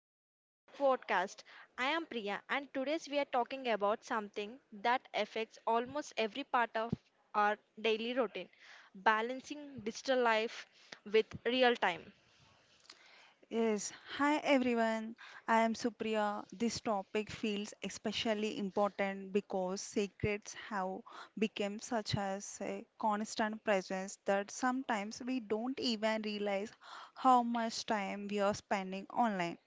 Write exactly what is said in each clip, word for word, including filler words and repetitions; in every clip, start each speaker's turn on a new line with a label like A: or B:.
A: welcome back to the podcast. I am Priya and today we are talking about something that affects almost every part of our daily routine, balancing digital life with real time.
B: Yes, hi everyone. I am Supriya. This topic feels especially important because secrets have become such as a constant presence that sometimes we don't even realize how much time we are spending online.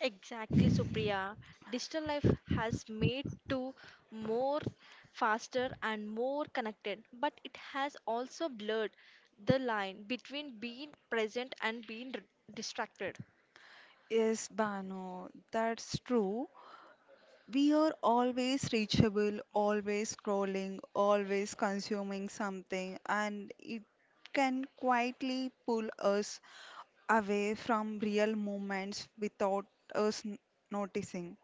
A: Exactly, Supriya. Digital life has made to more faster and more connected, but it has also blurred the line between being present and being r- distracted.
B: Yes, Bano, that's true. We are always reachable, always scrolling, always consuming something, and it can quietly pull us away from real moments without us n- noticing.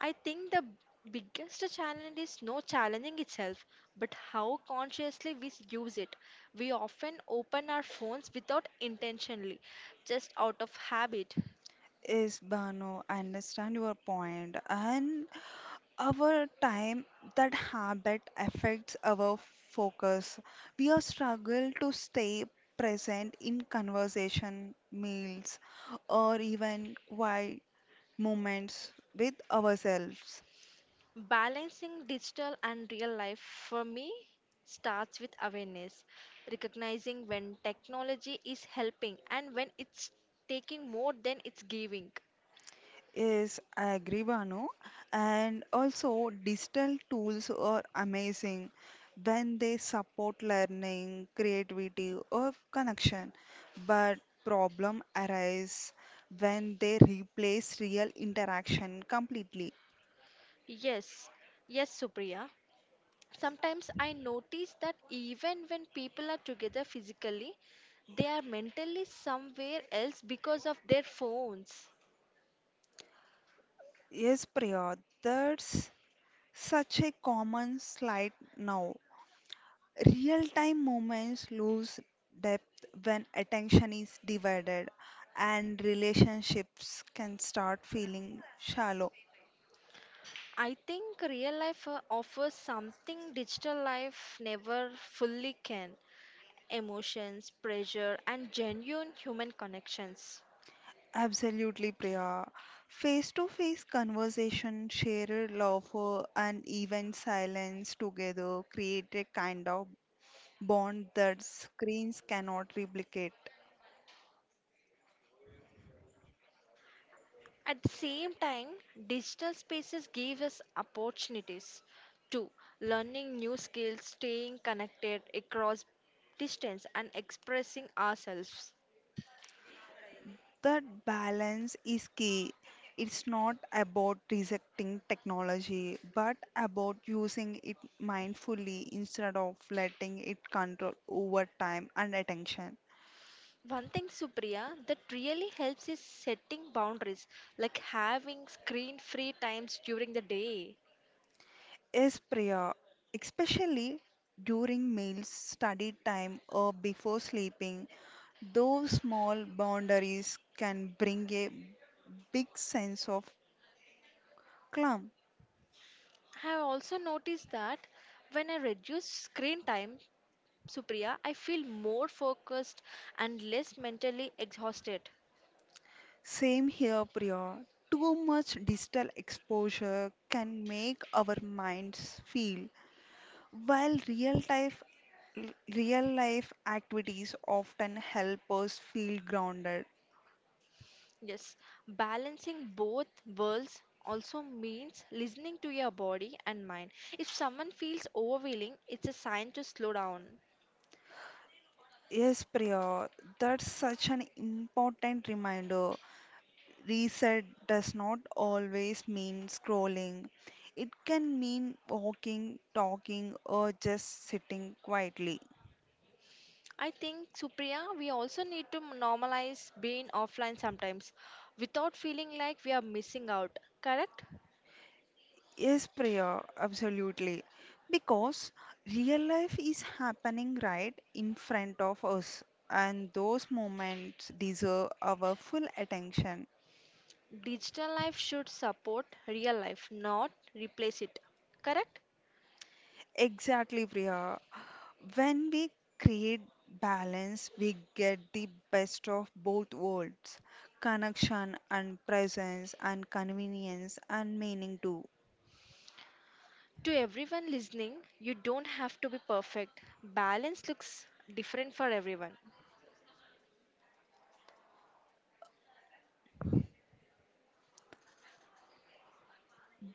A: I think the biggest challenge is not challenging itself, but how consciously we use it. We often open our phones without intentionally, just out of habit.
B: Yes, Bano, I understand your point. And our time, that habit affects our focus. We are struggle to stay present in conversation, meals, or even quiet moments with ourselves.
A: Balancing digital and real life for me starts with awareness, recognizing when technology is helping and when it's taking more than it's giving.
B: Yes, I agree, Banu. And also, digital tools are amazing when they support learning, creativity, or connection. But problem arise when they replace real interaction completely.
A: Yes, yes, Supriya. Sometimes I notice that even when people are together physically, they are mentally somewhere else because of their phones.
B: Yes, Priya, that's such a common slide now. Real time moments lose depth when attention is divided, and relationships can start feeling shallow.
A: I think real life uh, offers something digital life never fully can emotions, pressure, and genuine human connections.
B: Absolutely, Priya. Face to face conversation, shared laughter, and even silence together create a kind of bond that screens cannot replicate.
A: At the same time, digital spaces give us opportunities to learning new skills, staying connected across distance, and expressing ourselves.
B: That balance is key. It's not about rejecting technology, but about using it mindfully instead of letting it control over time and attention.
A: One thing, Supriya, that really helps is setting boundaries, like having screen free times during the day.
B: Yes, Priya, especially during meals, study time, or before sleeping, those small boundaries can bring a big sense of calm.
A: I have also noticed that when I reduce screen time, Supriya, I feel more focused and less mentally exhausted.
B: Same here, Priya. Too much digital exposure can make our minds feel, while real life real life activities often help us feel grounded.
A: Yes, balancing both worlds also means listening to your body and mind. If someone feels overwhelming, it's a sign to slow down.
B: Yes, Priya, that's such an important reminder. Reset does not always mean scrolling. It can mean walking, talking, or just sitting quietly.
A: I think, Supriya, we also need to normalize being offline sometimes without feeling like we are missing out, correct?
B: Yes, Priya, absolutely. Because real life is happening right in front of us, and those moments deserve our full attention.
A: Digital life should support real life, not replace it, correct?
B: Exactly, Priya. When we create balance, we get the best of both worlds connection and presence, and convenience and meaning too.
A: To everyone listening, you don't have to be perfect. Balance looks different for everyone.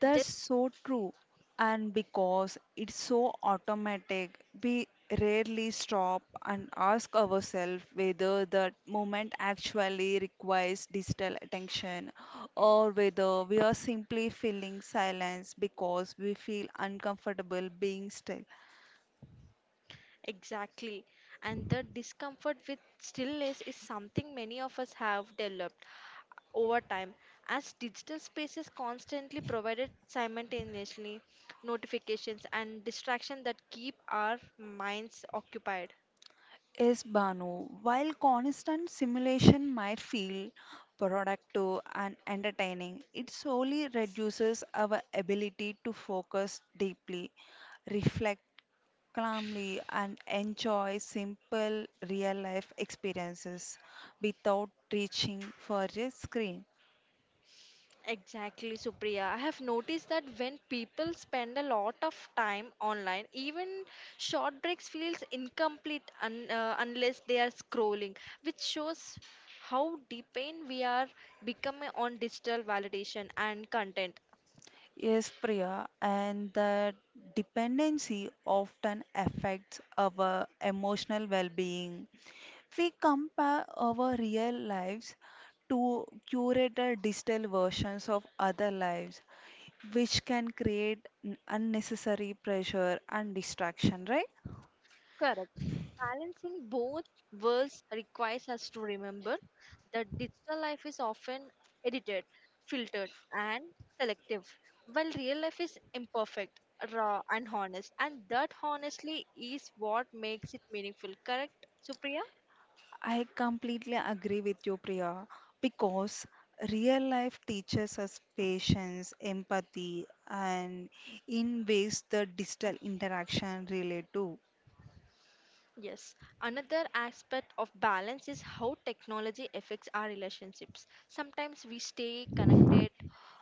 B: That's so true. And because it's so automatic, we rarely stop and ask ourselves whether that moment actually requires digital attention or whether we are simply feeling silence because we feel uncomfortable being still.
A: Exactly. And the discomfort with stillness is something many of us have developed over time. As digital spaces constantly provided simultaneously notifications and distraction that keep our minds occupied.
B: Yes, Banu. While constant simulation might feel productive and entertaining, it solely reduces our ability to focus deeply, reflect calmly, and enjoy simple real life experiences without reaching for a screen.
A: Exactly, Supriya. I have noticed that when people spend a lot of time online, even short breaks feels incomplete un, uh, unless they are scrolling, which shows how dependent we are becoming on digital validation and content.
B: Yes, Priya, and the dependency often affects our emotional well being. We compare our real lives to curated digital versions of other lives, which can create n- unnecessary pressure and distraction, right?
A: Correct. Balancing both worlds requires us to remember that digital life is often edited, filtered, and selective, while real life is imperfect, raw, and honest. And that honestly is what makes it meaningful. Correct, Supriya?
B: I completely agree with you, Priya, because real life teaches us patience, empathy, and in ways the digital interaction relate to.
A: Yes, another aspect of balance is how technology affects our relationships. Sometimes we stay connected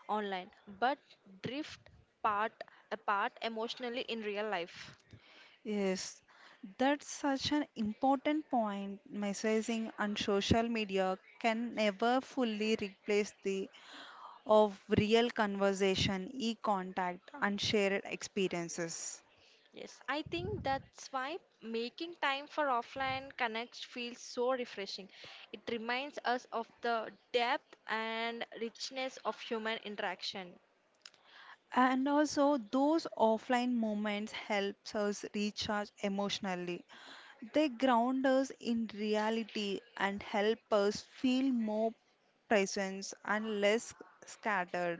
A: online but drift part apart emotionally in real life.
B: Yes, that's such an important point. Messaging and social media can never fully replace the of real conversation, e-contact, and shared experiences.
A: Yes, I think that's why making time for offline connects feels so refreshing. It reminds us of the depth and richness of human interaction.
B: And also, those offline moments helps us recharge emotionally. They ground us in reality and help us feel more presence and less scattered.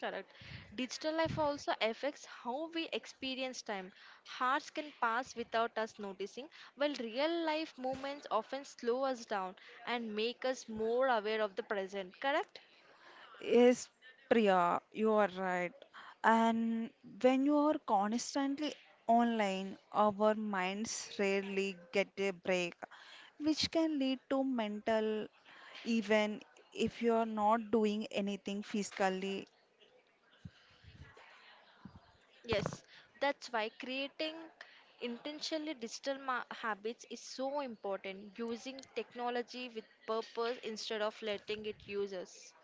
A: Correct. Digital life also affects how we experience time. Hours can pass without us noticing, while real life moments often slow us down and make us more aware of the present. Correct?
B: Yes, Priya, you are right. And when you are constantly online, our minds rarely get a break, which can lead to mental even if you are not doing anything physically.
A: Yes. That's why creating intentionally digital ma- habits is so important. Using technology with purpose instead of letting it use us.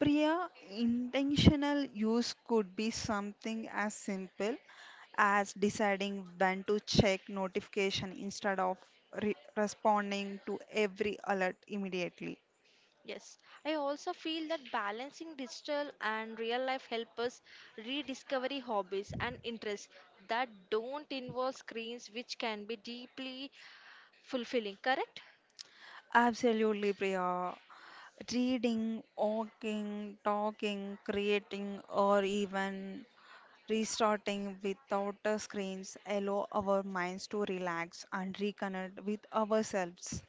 B: Priya, intentional use could be something as simple as deciding when to check notification instead of re- responding to every alert immediately.
A: Yes, I also feel that balancing digital and real life help us rediscovery hobbies and interests that don't involve screens, which can be deeply fulfilling. Correct?
B: Absolutely, Priya. Reading, walking, talking, creating, or even restarting without the screens allow our minds to relax and reconnect with ourselves.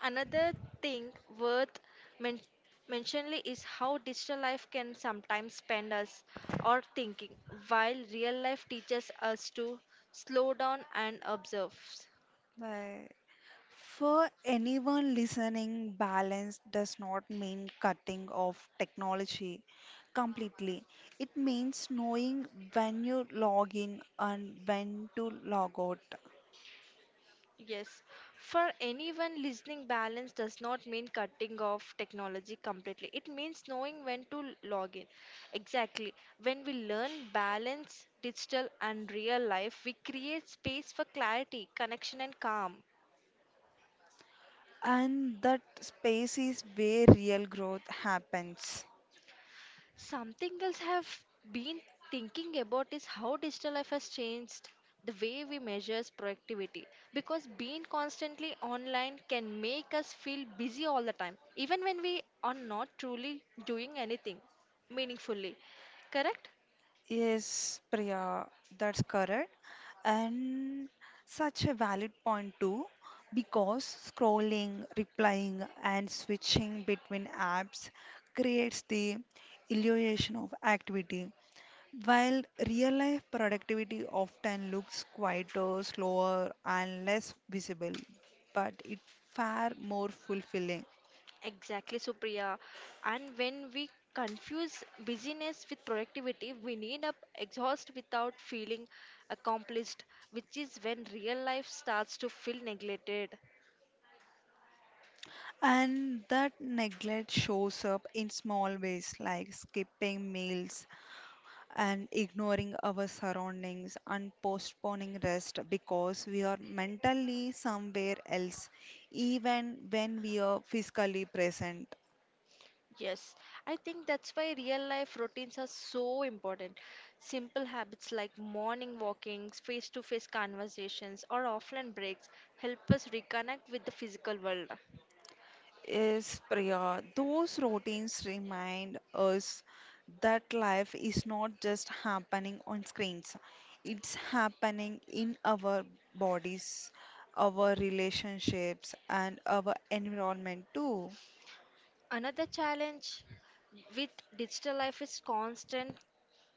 A: Another thing worth men- mentioning is how digital life can sometimes spend us or thinking, while real life teaches us to slow down and observe.
B: Bye. For anyone listening, balance does not mean cutting off technology completely. It means knowing when you log in and when to log out.
A: Yes, for anyone listening, balance does not mean cutting off technology completely. It means knowing when to l- log in. Exactly. When we learn balance, digital and real life, we create space for clarity, connection, and calm.
B: And that space is where real growth happens.
A: Something else I've been thinking about is how digital life has changed the way we measure productivity because being constantly online can make us feel busy all the time even when we are not truly doing anything meaningfully, correct?
B: Yes, Priya, that's correct. And such a valid point too, because scrolling, replying, and switching between apps creates the illusion of activity, while real life productivity often looks quieter, slower, and less visible, but it far more fulfilling.
A: Exactly, Supriya. And when we confuse busyness with productivity we need up exhaust without feeling accomplished, which is when real life starts to feel neglected.
B: And that neglect shows up in small ways like skipping meals, and ignoring our surroundings and postponing rest because we are mentally somewhere else, even when we are physically present.
A: Yes, I think that's why real life routines are so important. Simple habits like morning walkings, face to face conversations, or offline breaks help us reconnect with the physical world.
B: Yes, Priya, those routines remind us that life is not just happening on screens, it's happening in our bodies, our relationships, and our environment too.
A: Another challenge with digital life is constant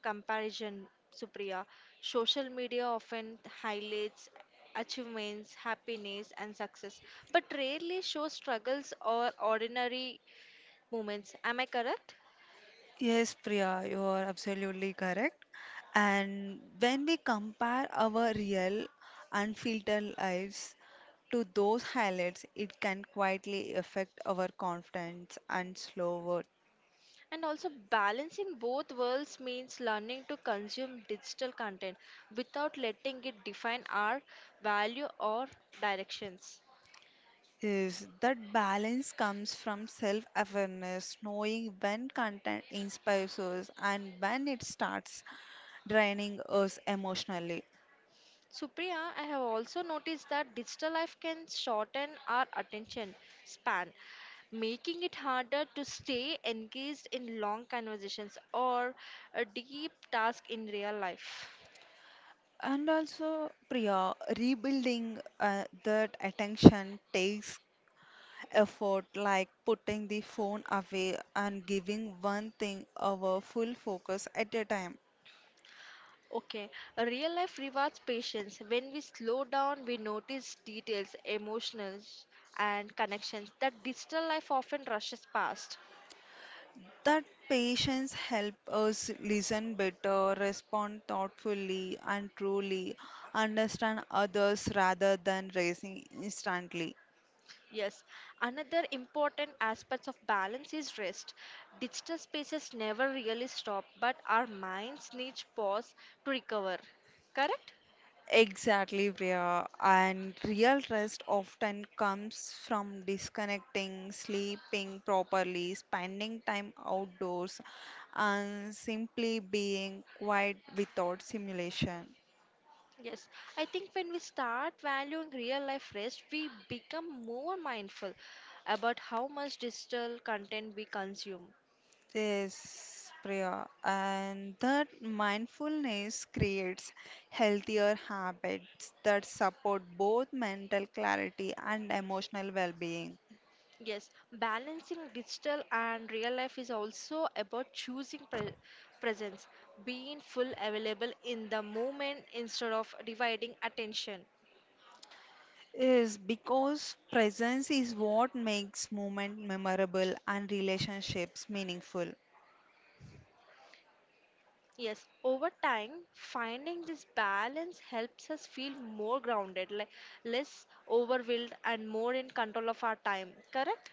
A: comparison, Supriya. Social media often highlights achievements, happiness, and success, but rarely shows struggles or ordinary moments. Am I correct?
B: Yes, Priya, you are absolutely correct. And when we compare our real, unfiltered lives to those highlights, it can quietly affect our confidence and slow worth.
A: And also, balancing both worlds means learning to consume digital content without letting it define our value or directions.
B: Yes, that balance comes from self-awareness, knowing when content inspires us and when it starts draining us emotionally.
A: Supriya, I have also noticed that digital life can shorten our attention span, making it harder to stay engaged in long conversations or a deep task in real life.
B: And also, Priya, rebuilding uh, that attention takes effort like putting the phone away and giving one thing our full focus at a time.
A: Okay, a real life rewards patience. When we slow down, we notice details, emotions, and connections that digital life often rushes past.
B: That patience help us listen better, respond thoughtfully and truly, understand others rather than racing instantly.
A: Yes, another important aspect of balance is rest. Digital spaces never really stop, but our minds need pause to recover. Correct?
B: Exactly, Priya. And real rest often comes from disconnecting, sleeping properly, spending time outdoors, and simply being quiet without simulation.
A: Yes, I think when we start valuing real life rest, we become more mindful about how much digital content we consume.
B: Yes, Priya. And that mindfulness creates healthier habits that support both mental clarity and emotional well being.
A: Yes, balancing digital and real life is also about choosing pre- presence, being full available in the moment instead of dividing attention.
B: Is because presence is what makes movement memorable and relationships meaningful.
A: Yes, over time, finding this balance helps us feel more grounded, like less overwhelmed, and more in control of our time. Correct?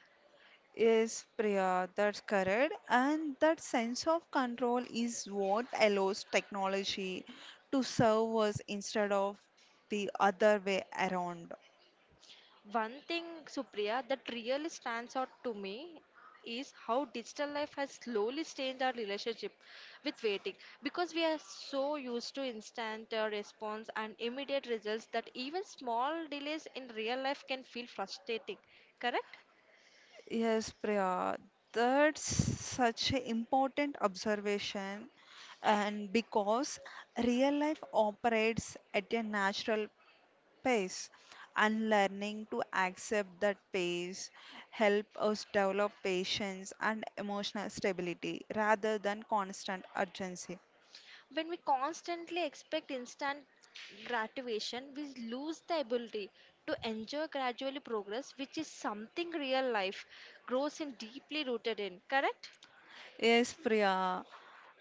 B: Yes, Priya, that's correct. And that sense of control is what allows technology to serve us instead of the other way around.
A: One thing, Supriya, that really stands out to me is how digital life has slowly changed our relationship with waiting because we are so used to instant uh, response and immediate results that even small delays in real life can feel frustrating, correct?
B: Yes, Priya, that's such an important observation. And because real life operates at a natural pace and learning to accept that pace help us develop patience and emotional stability rather than constant urgency.
A: When we constantly expect instant gratification, we lose the ability to enjoy gradually progress, which is something real life grows in deeply rooted in, correct?
B: Yes, Priya,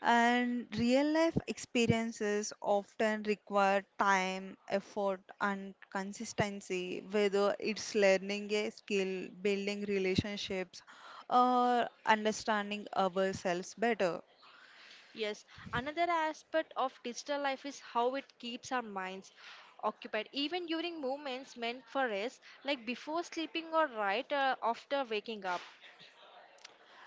B: and real life experiences often require time, effort, and consistency, whether it's learning a skill, building relationships, or understanding ourselves better.
A: Yes, another aspect of digital life is how it keeps our minds occupied, even during moments meant for rest, like before sleeping or right uh, after waking up.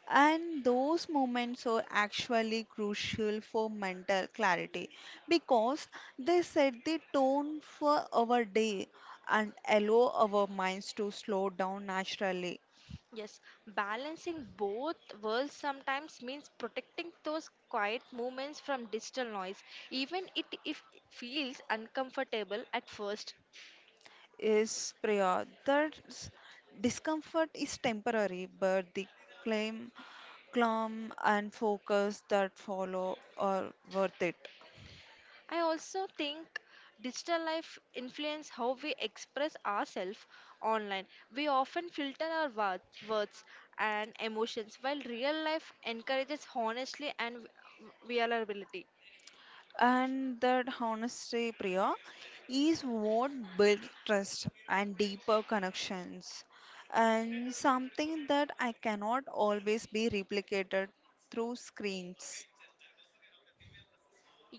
B: And those moments are actually crucial for mental clarity because they set the tone for our day and allow our minds to slow down naturally.
A: Yes, balancing both worlds sometimes means protecting those quiet moments from digital noise, even it if it feels uncomfortable at first.
B: Is Priya, that discomfort is temporary, but the claim, calm, and focus that follow are worth it.
A: I also think digital life influence how we express ourselves online. We often filter our wo- words and emotions while real life encourages honesty and v- vulnerability.
B: And that honesty, Priya, is what builds trust and deeper connections, and something that I cannot always be replicated through screens.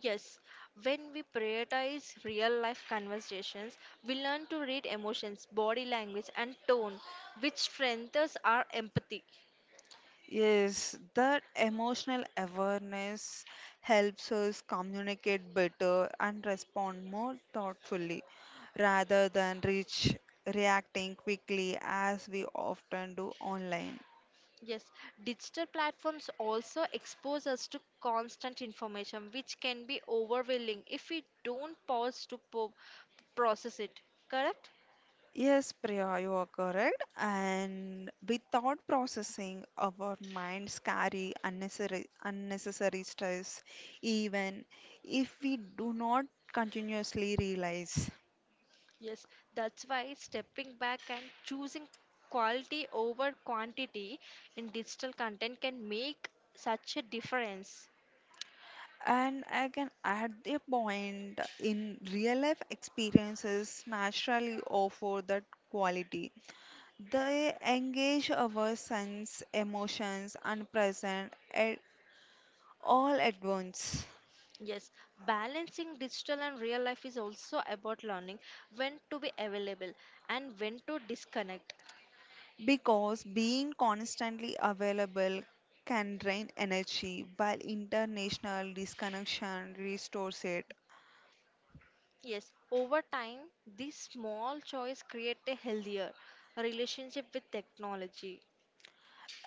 A: Yes, when we prioritize real life conversations, we learn to read emotions, body language and tone which strengthens our empathy.
B: Yes, that emotional awareness helps us communicate better and respond more thoughtfully rather than reach reacting quickly as we often do online.
A: Yes, digital platforms also expose us to constant information, which can be overwhelming if we don't pause to po- process it. Correct?
B: Yes, Priya, you are correct. And without processing, our minds carry unnecessary, unnecessary stress, even if we do not continuously realize.
A: Yes, that's why stepping back and choosing quality over quantity in digital content can make such a difference.
B: And I can add a point in real life experiences naturally offer that quality. They engage our sense, emotions, and present at all at once.
A: Yes, balancing digital and real life is also about learning when to be available and when to disconnect.
B: Because being constantly available can drain energy, while international disconnection restores it.
A: Yes, over time, these small choice create a healthier relationship with technology.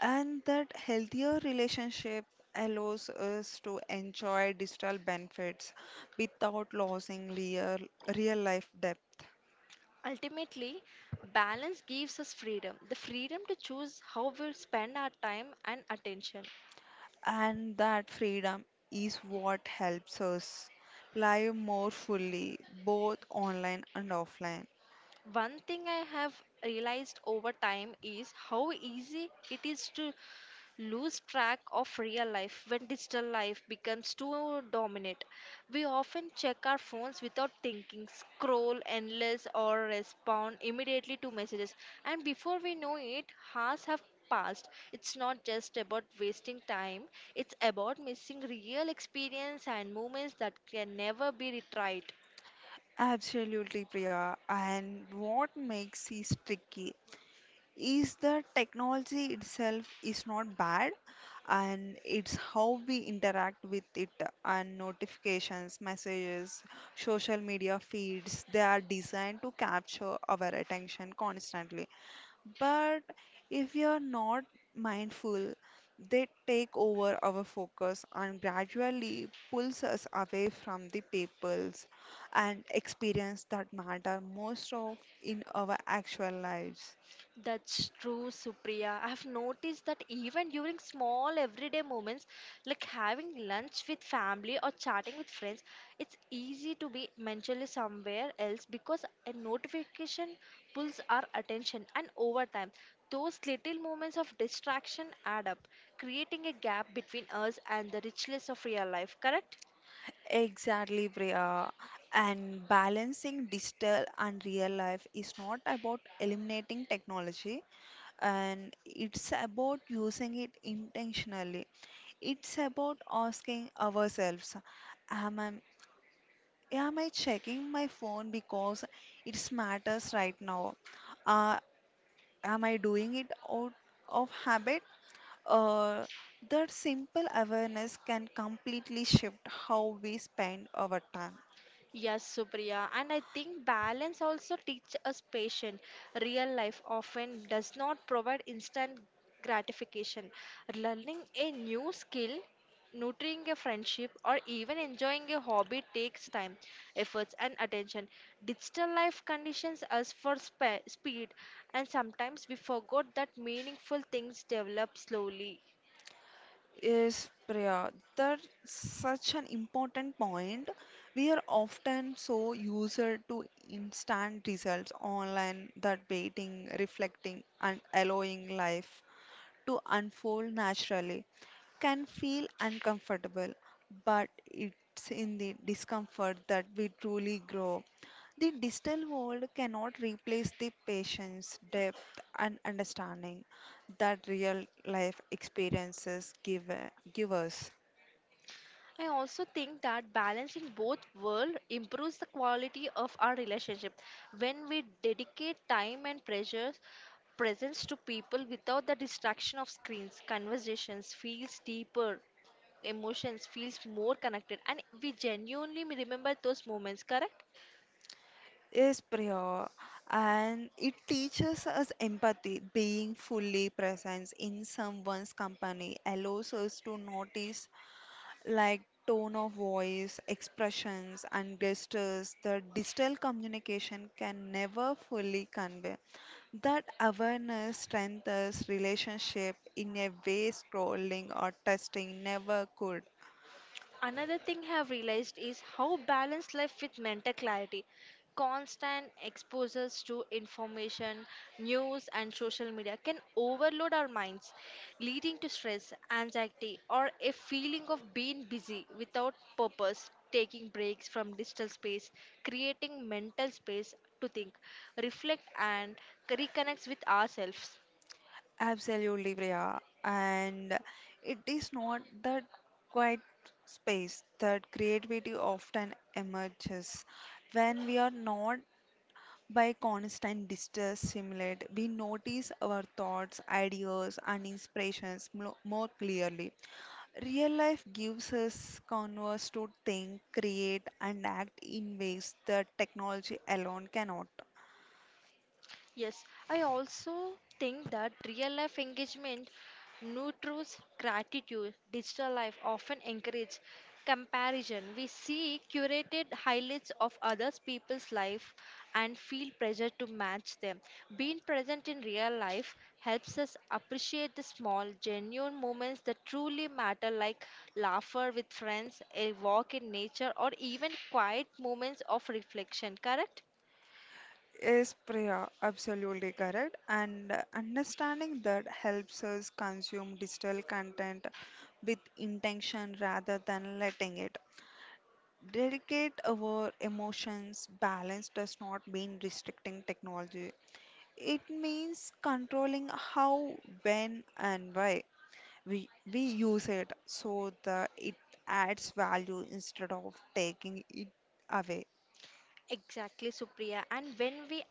B: And that healthier relationship allows us to enjoy digital benefits without losing real, real life depth.
A: Ultimately, balance gives us freedom the freedom to choose how we spend our time and attention.
B: And that freedom is what helps us live more fully, both online and offline.
A: One thing I have realized over time is how easy it is to lose track of real life when digital life becomes too dominant. We often check our phones without thinking, scroll endless, or respond immediately to messages, and before we know it, hours have passed. It's not just about wasting time, it's about missing real experience and moments that can never be retried.
B: Absolutely, Priya. And what makes this tricky is the technology itself is not bad and it's how we interact with it and notifications messages social media feeds they are designed to capture our attention constantly, but if we are not mindful they take over our focus and gradually pulls us away from the peoples and experience that matter most of in our actual lives.
A: That's true, Supriya. I've noticed that even during small everyday moments, like having lunch with family or chatting with friends, it's easy to be mentally somewhere else because a notification pulls our attention, and over time, those little moments of distraction add up, creating a gap between us and the richness of real life, correct?
B: Exactly, Priya. And balancing digital and real life is not about eliminating technology, and it's about using it intentionally. It's about asking ourselves, am I, am I checking my phone because it matters right now? Uh, am I doing it out of habit? Uh, that simple awareness can completely shift how we spend our time.
A: Yes, Supriya, and I think balance also teach us patience. Real life often does not provide instant gratification. Learning a new skill, nurturing a friendship, or even enjoying a hobby takes time, efforts, and attention. Digital life conditions us for spe- speed, and sometimes we forgot that meaningful things develop slowly.
B: Yes, Priya, that's such an important point. We are often so used to instant results online that waiting, reflecting, and allowing life to unfold naturally can feel uncomfortable, but it's in the discomfort that we truly grow. The digital world cannot replace the patience, depth, and understanding that real life experiences give, give us.
A: I also think that balancing both world improves the quality of our relationship when we dedicate time and pressures presence to people without the distraction of screens conversations feels deeper emotions feels more connected and we genuinely remember those moments, correct?
B: Yes, Priya, and it teaches us empathy. Being fully present in someone's company allows us to notice like tone of voice, expressions, and gestures that digital communication can never fully convey. That awareness strengthens relationship in a way scrolling or testing never could.
A: Another thing I have realized is how balance life with mental clarity. Constant exposures to information, news, and social media can overload our minds, leading to stress, anxiety, or a feeling of being busy without purpose. Taking breaks from digital space, creating mental space to think, reflect, and reconnect with ourselves.
B: Absolutely, Priya. And it is not that quiet space that creativity often emerges when we are not by constant distress stimulate, we notice our thoughts, ideas, and inspirations mo- more clearly. Real life gives us canvas to think, create, and act in ways that technology alone cannot.
A: Yes, I also think that real life engagement nurtures gratitude. Digital life often encourages comparison. We see curated highlights of others people's life and feel pressure to match them. Being present in real life helps us appreciate the small, genuine moments that truly matter, like laughter with friends, a walk in nature, or even quiet moments of reflection. Correct?
B: Yes, Priya, absolutely correct. And uh, understanding that helps us consume digital content with intention rather than letting it dedicate our emotions. Balance does not mean restricting technology, it means controlling how when and why we we use it so that it adds value instead of taking it away.
A: Exactly, Supriya. And when we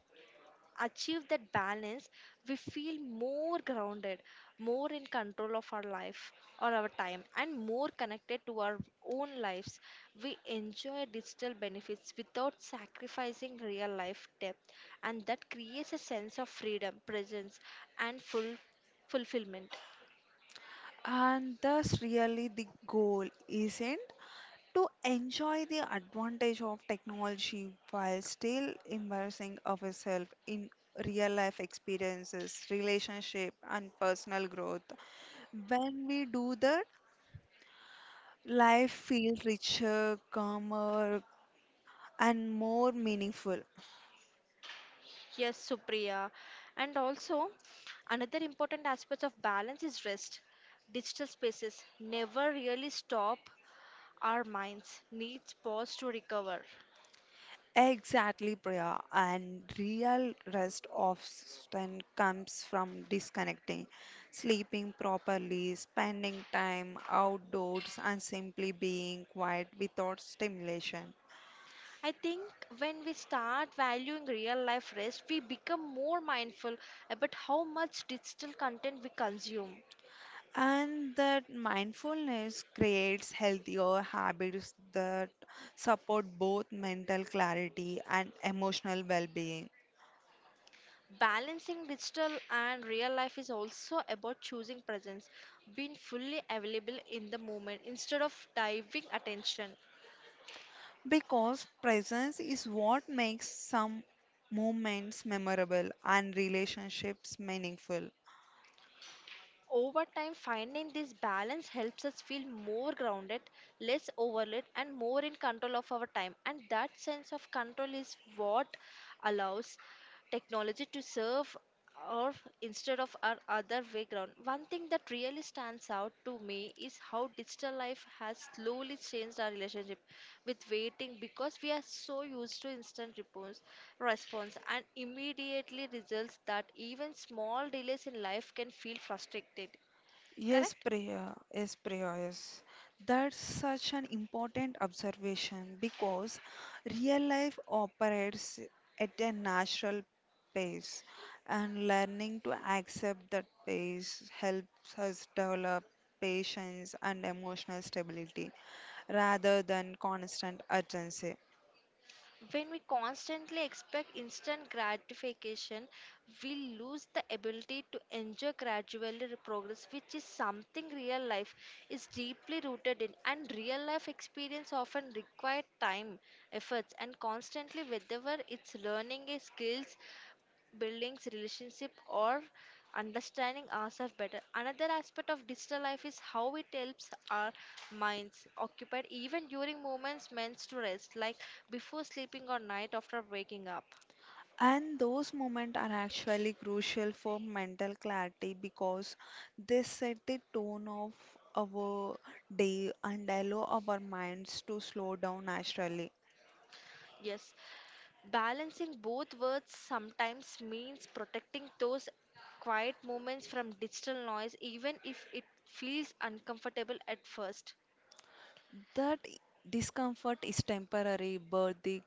A: achieve that balance, we feel more grounded, more in control of our life or our time, and more connected to our own lives. We enjoy digital benefits without sacrificing real life depth, and that creates a sense of freedom, presence, and full fulfillment.
B: And thus really the goal isn't to enjoy the advantage of technology while still immersing ourselves in real life experiences, relationship and personal growth. When we do that, life feels richer, calmer and more meaningful.
A: Yes, Supriya. And also, another important aspect of balance is rest. Digital spaces never really stop our minds needs pause to recover.
B: Exactly, Priya. And real rest often comes from disconnecting, sleeping properly, spending time outdoors, and simply being quiet without stimulation.
A: I think when we start valuing real life rest, we become more mindful about how much digital content we consume.
B: And that mindfulness creates healthier habits that support both mental clarity and emotional well being.
A: Balancing digital and real life is also about choosing presence, being fully available in the moment instead of diving attention.
B: Because presence is what makes some moments memorable and relationships meaningful.
A: Over time, finding this balance helps us feel more grounded, less overloaded, and more in control of our time. And that sense of control is what allows technology to serve or instead of our other way ground. One thing that really stands out to me is how digital life has slowly changed our relationship with waiting because we are so used to instant repos- response and immediately results that even small delays in life can feel frustrated.
B: Yes,
A: Correct?
B: Priya. Yes, Priya. Yes. That's such an important observation because real life operates at a natural pace, and learning to accept that pace helps us develop patience and emotional stability rather than constant urgency.
A: When we constantly expect instant gratification, we lose the ability to enjoy gradually progress, which is something real life is deeply rooted in. And real life experience often require time, efforts, and constantly, whether it's learning a skills, buildings relationship or understanding ourselves better another aspect of digital life is how it helps our minds occupied even during moments meant to rest like before sleeping or night after waking up.
B: And those moments are actually crucial for mental clarity because they set the tone of our day and allow our minds to slow down naturally.
A: Yes, balancing both words sometimes means protecting those quiet moments from digital noise even if it feels uncomfortable at first.
B: That discomfort is temporary, but the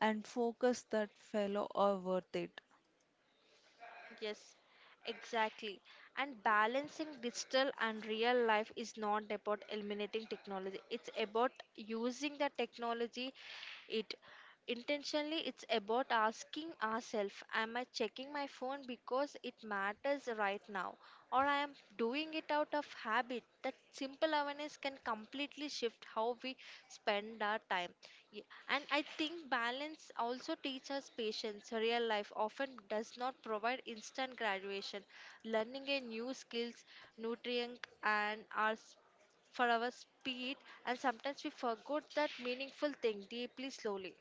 B: and focus that fellow are worth it.
A: Yes, exactly. And balancing digital and real life is not about eliminating technology. It's about using the technology it intentionally. It's about asking ourselves, am I checking my phone because it matters right now? Or I am doing it out of habit. That simple awareness can completely shift how we spend our time. Ye- And I think balance also teaches us patience. Real life often does not provide instant graduation. Learning a new skills, nutrient and our s- for our speed and sometimes we forgot that meaningful thing deeply slowly.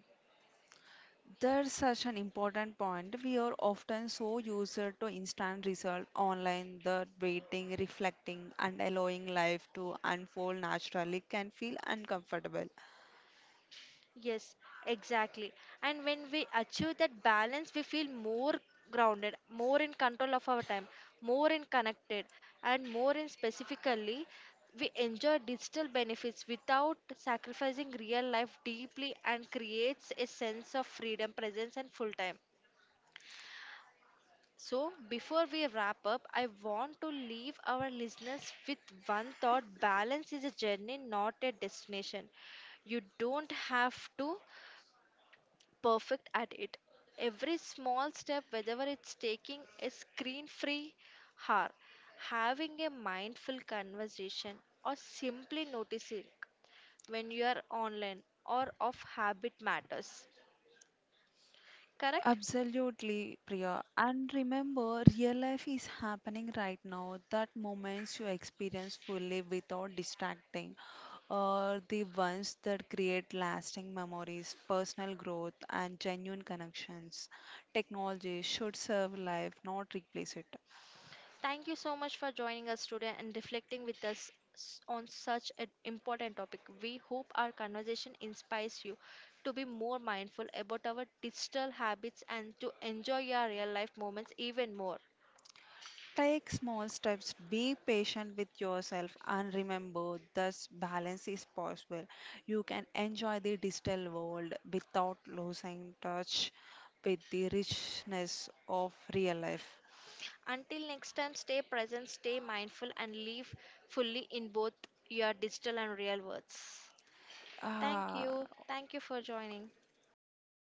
B: That's such an important point. We are often so used to instant result online that waiting, reflecting, and allowing life to unfold naturally can feel uncomfortable.
A: Yes, exactly. And when we achieve that balance, we feel more grounded, more in control of our time, more in connected, and more in specifically, we enjoy digital benefits without sacrificing real life deeply and creates a sense of freedom, presence, and full time. So, before we wrap up, I want to leave our listeners with one thought balance is a journey, not a destination. You don't have to perfect at it. Every small step, whether it's taking a screen free hour, having a mindful conversation, or simply noticing when you are online or of habit matters. Correct?
B: Absolutely, Priya. And remember, real life is happening right now. That moments you experience fully without distracting are the ones that create lasting memories, personal growth, and genuine connections. Technology should serve life, not replace it.
A: Thank you so much for joining us today and reflecting with us s- on such an important topic. We hope our conversation inspires you to be more mindful about our digital habits and to enjoy your real life moments even more.
B: Take small steps, be patient with yourself, and remember this balance is possible. You can enjoy the digital world without losing touch with the richness of real life.
A: Until next time, stay present, stay mindful, and live fully in both your digital and real worlds. Thank
B: Ah,
A: you. Thank you for joining.
B: thank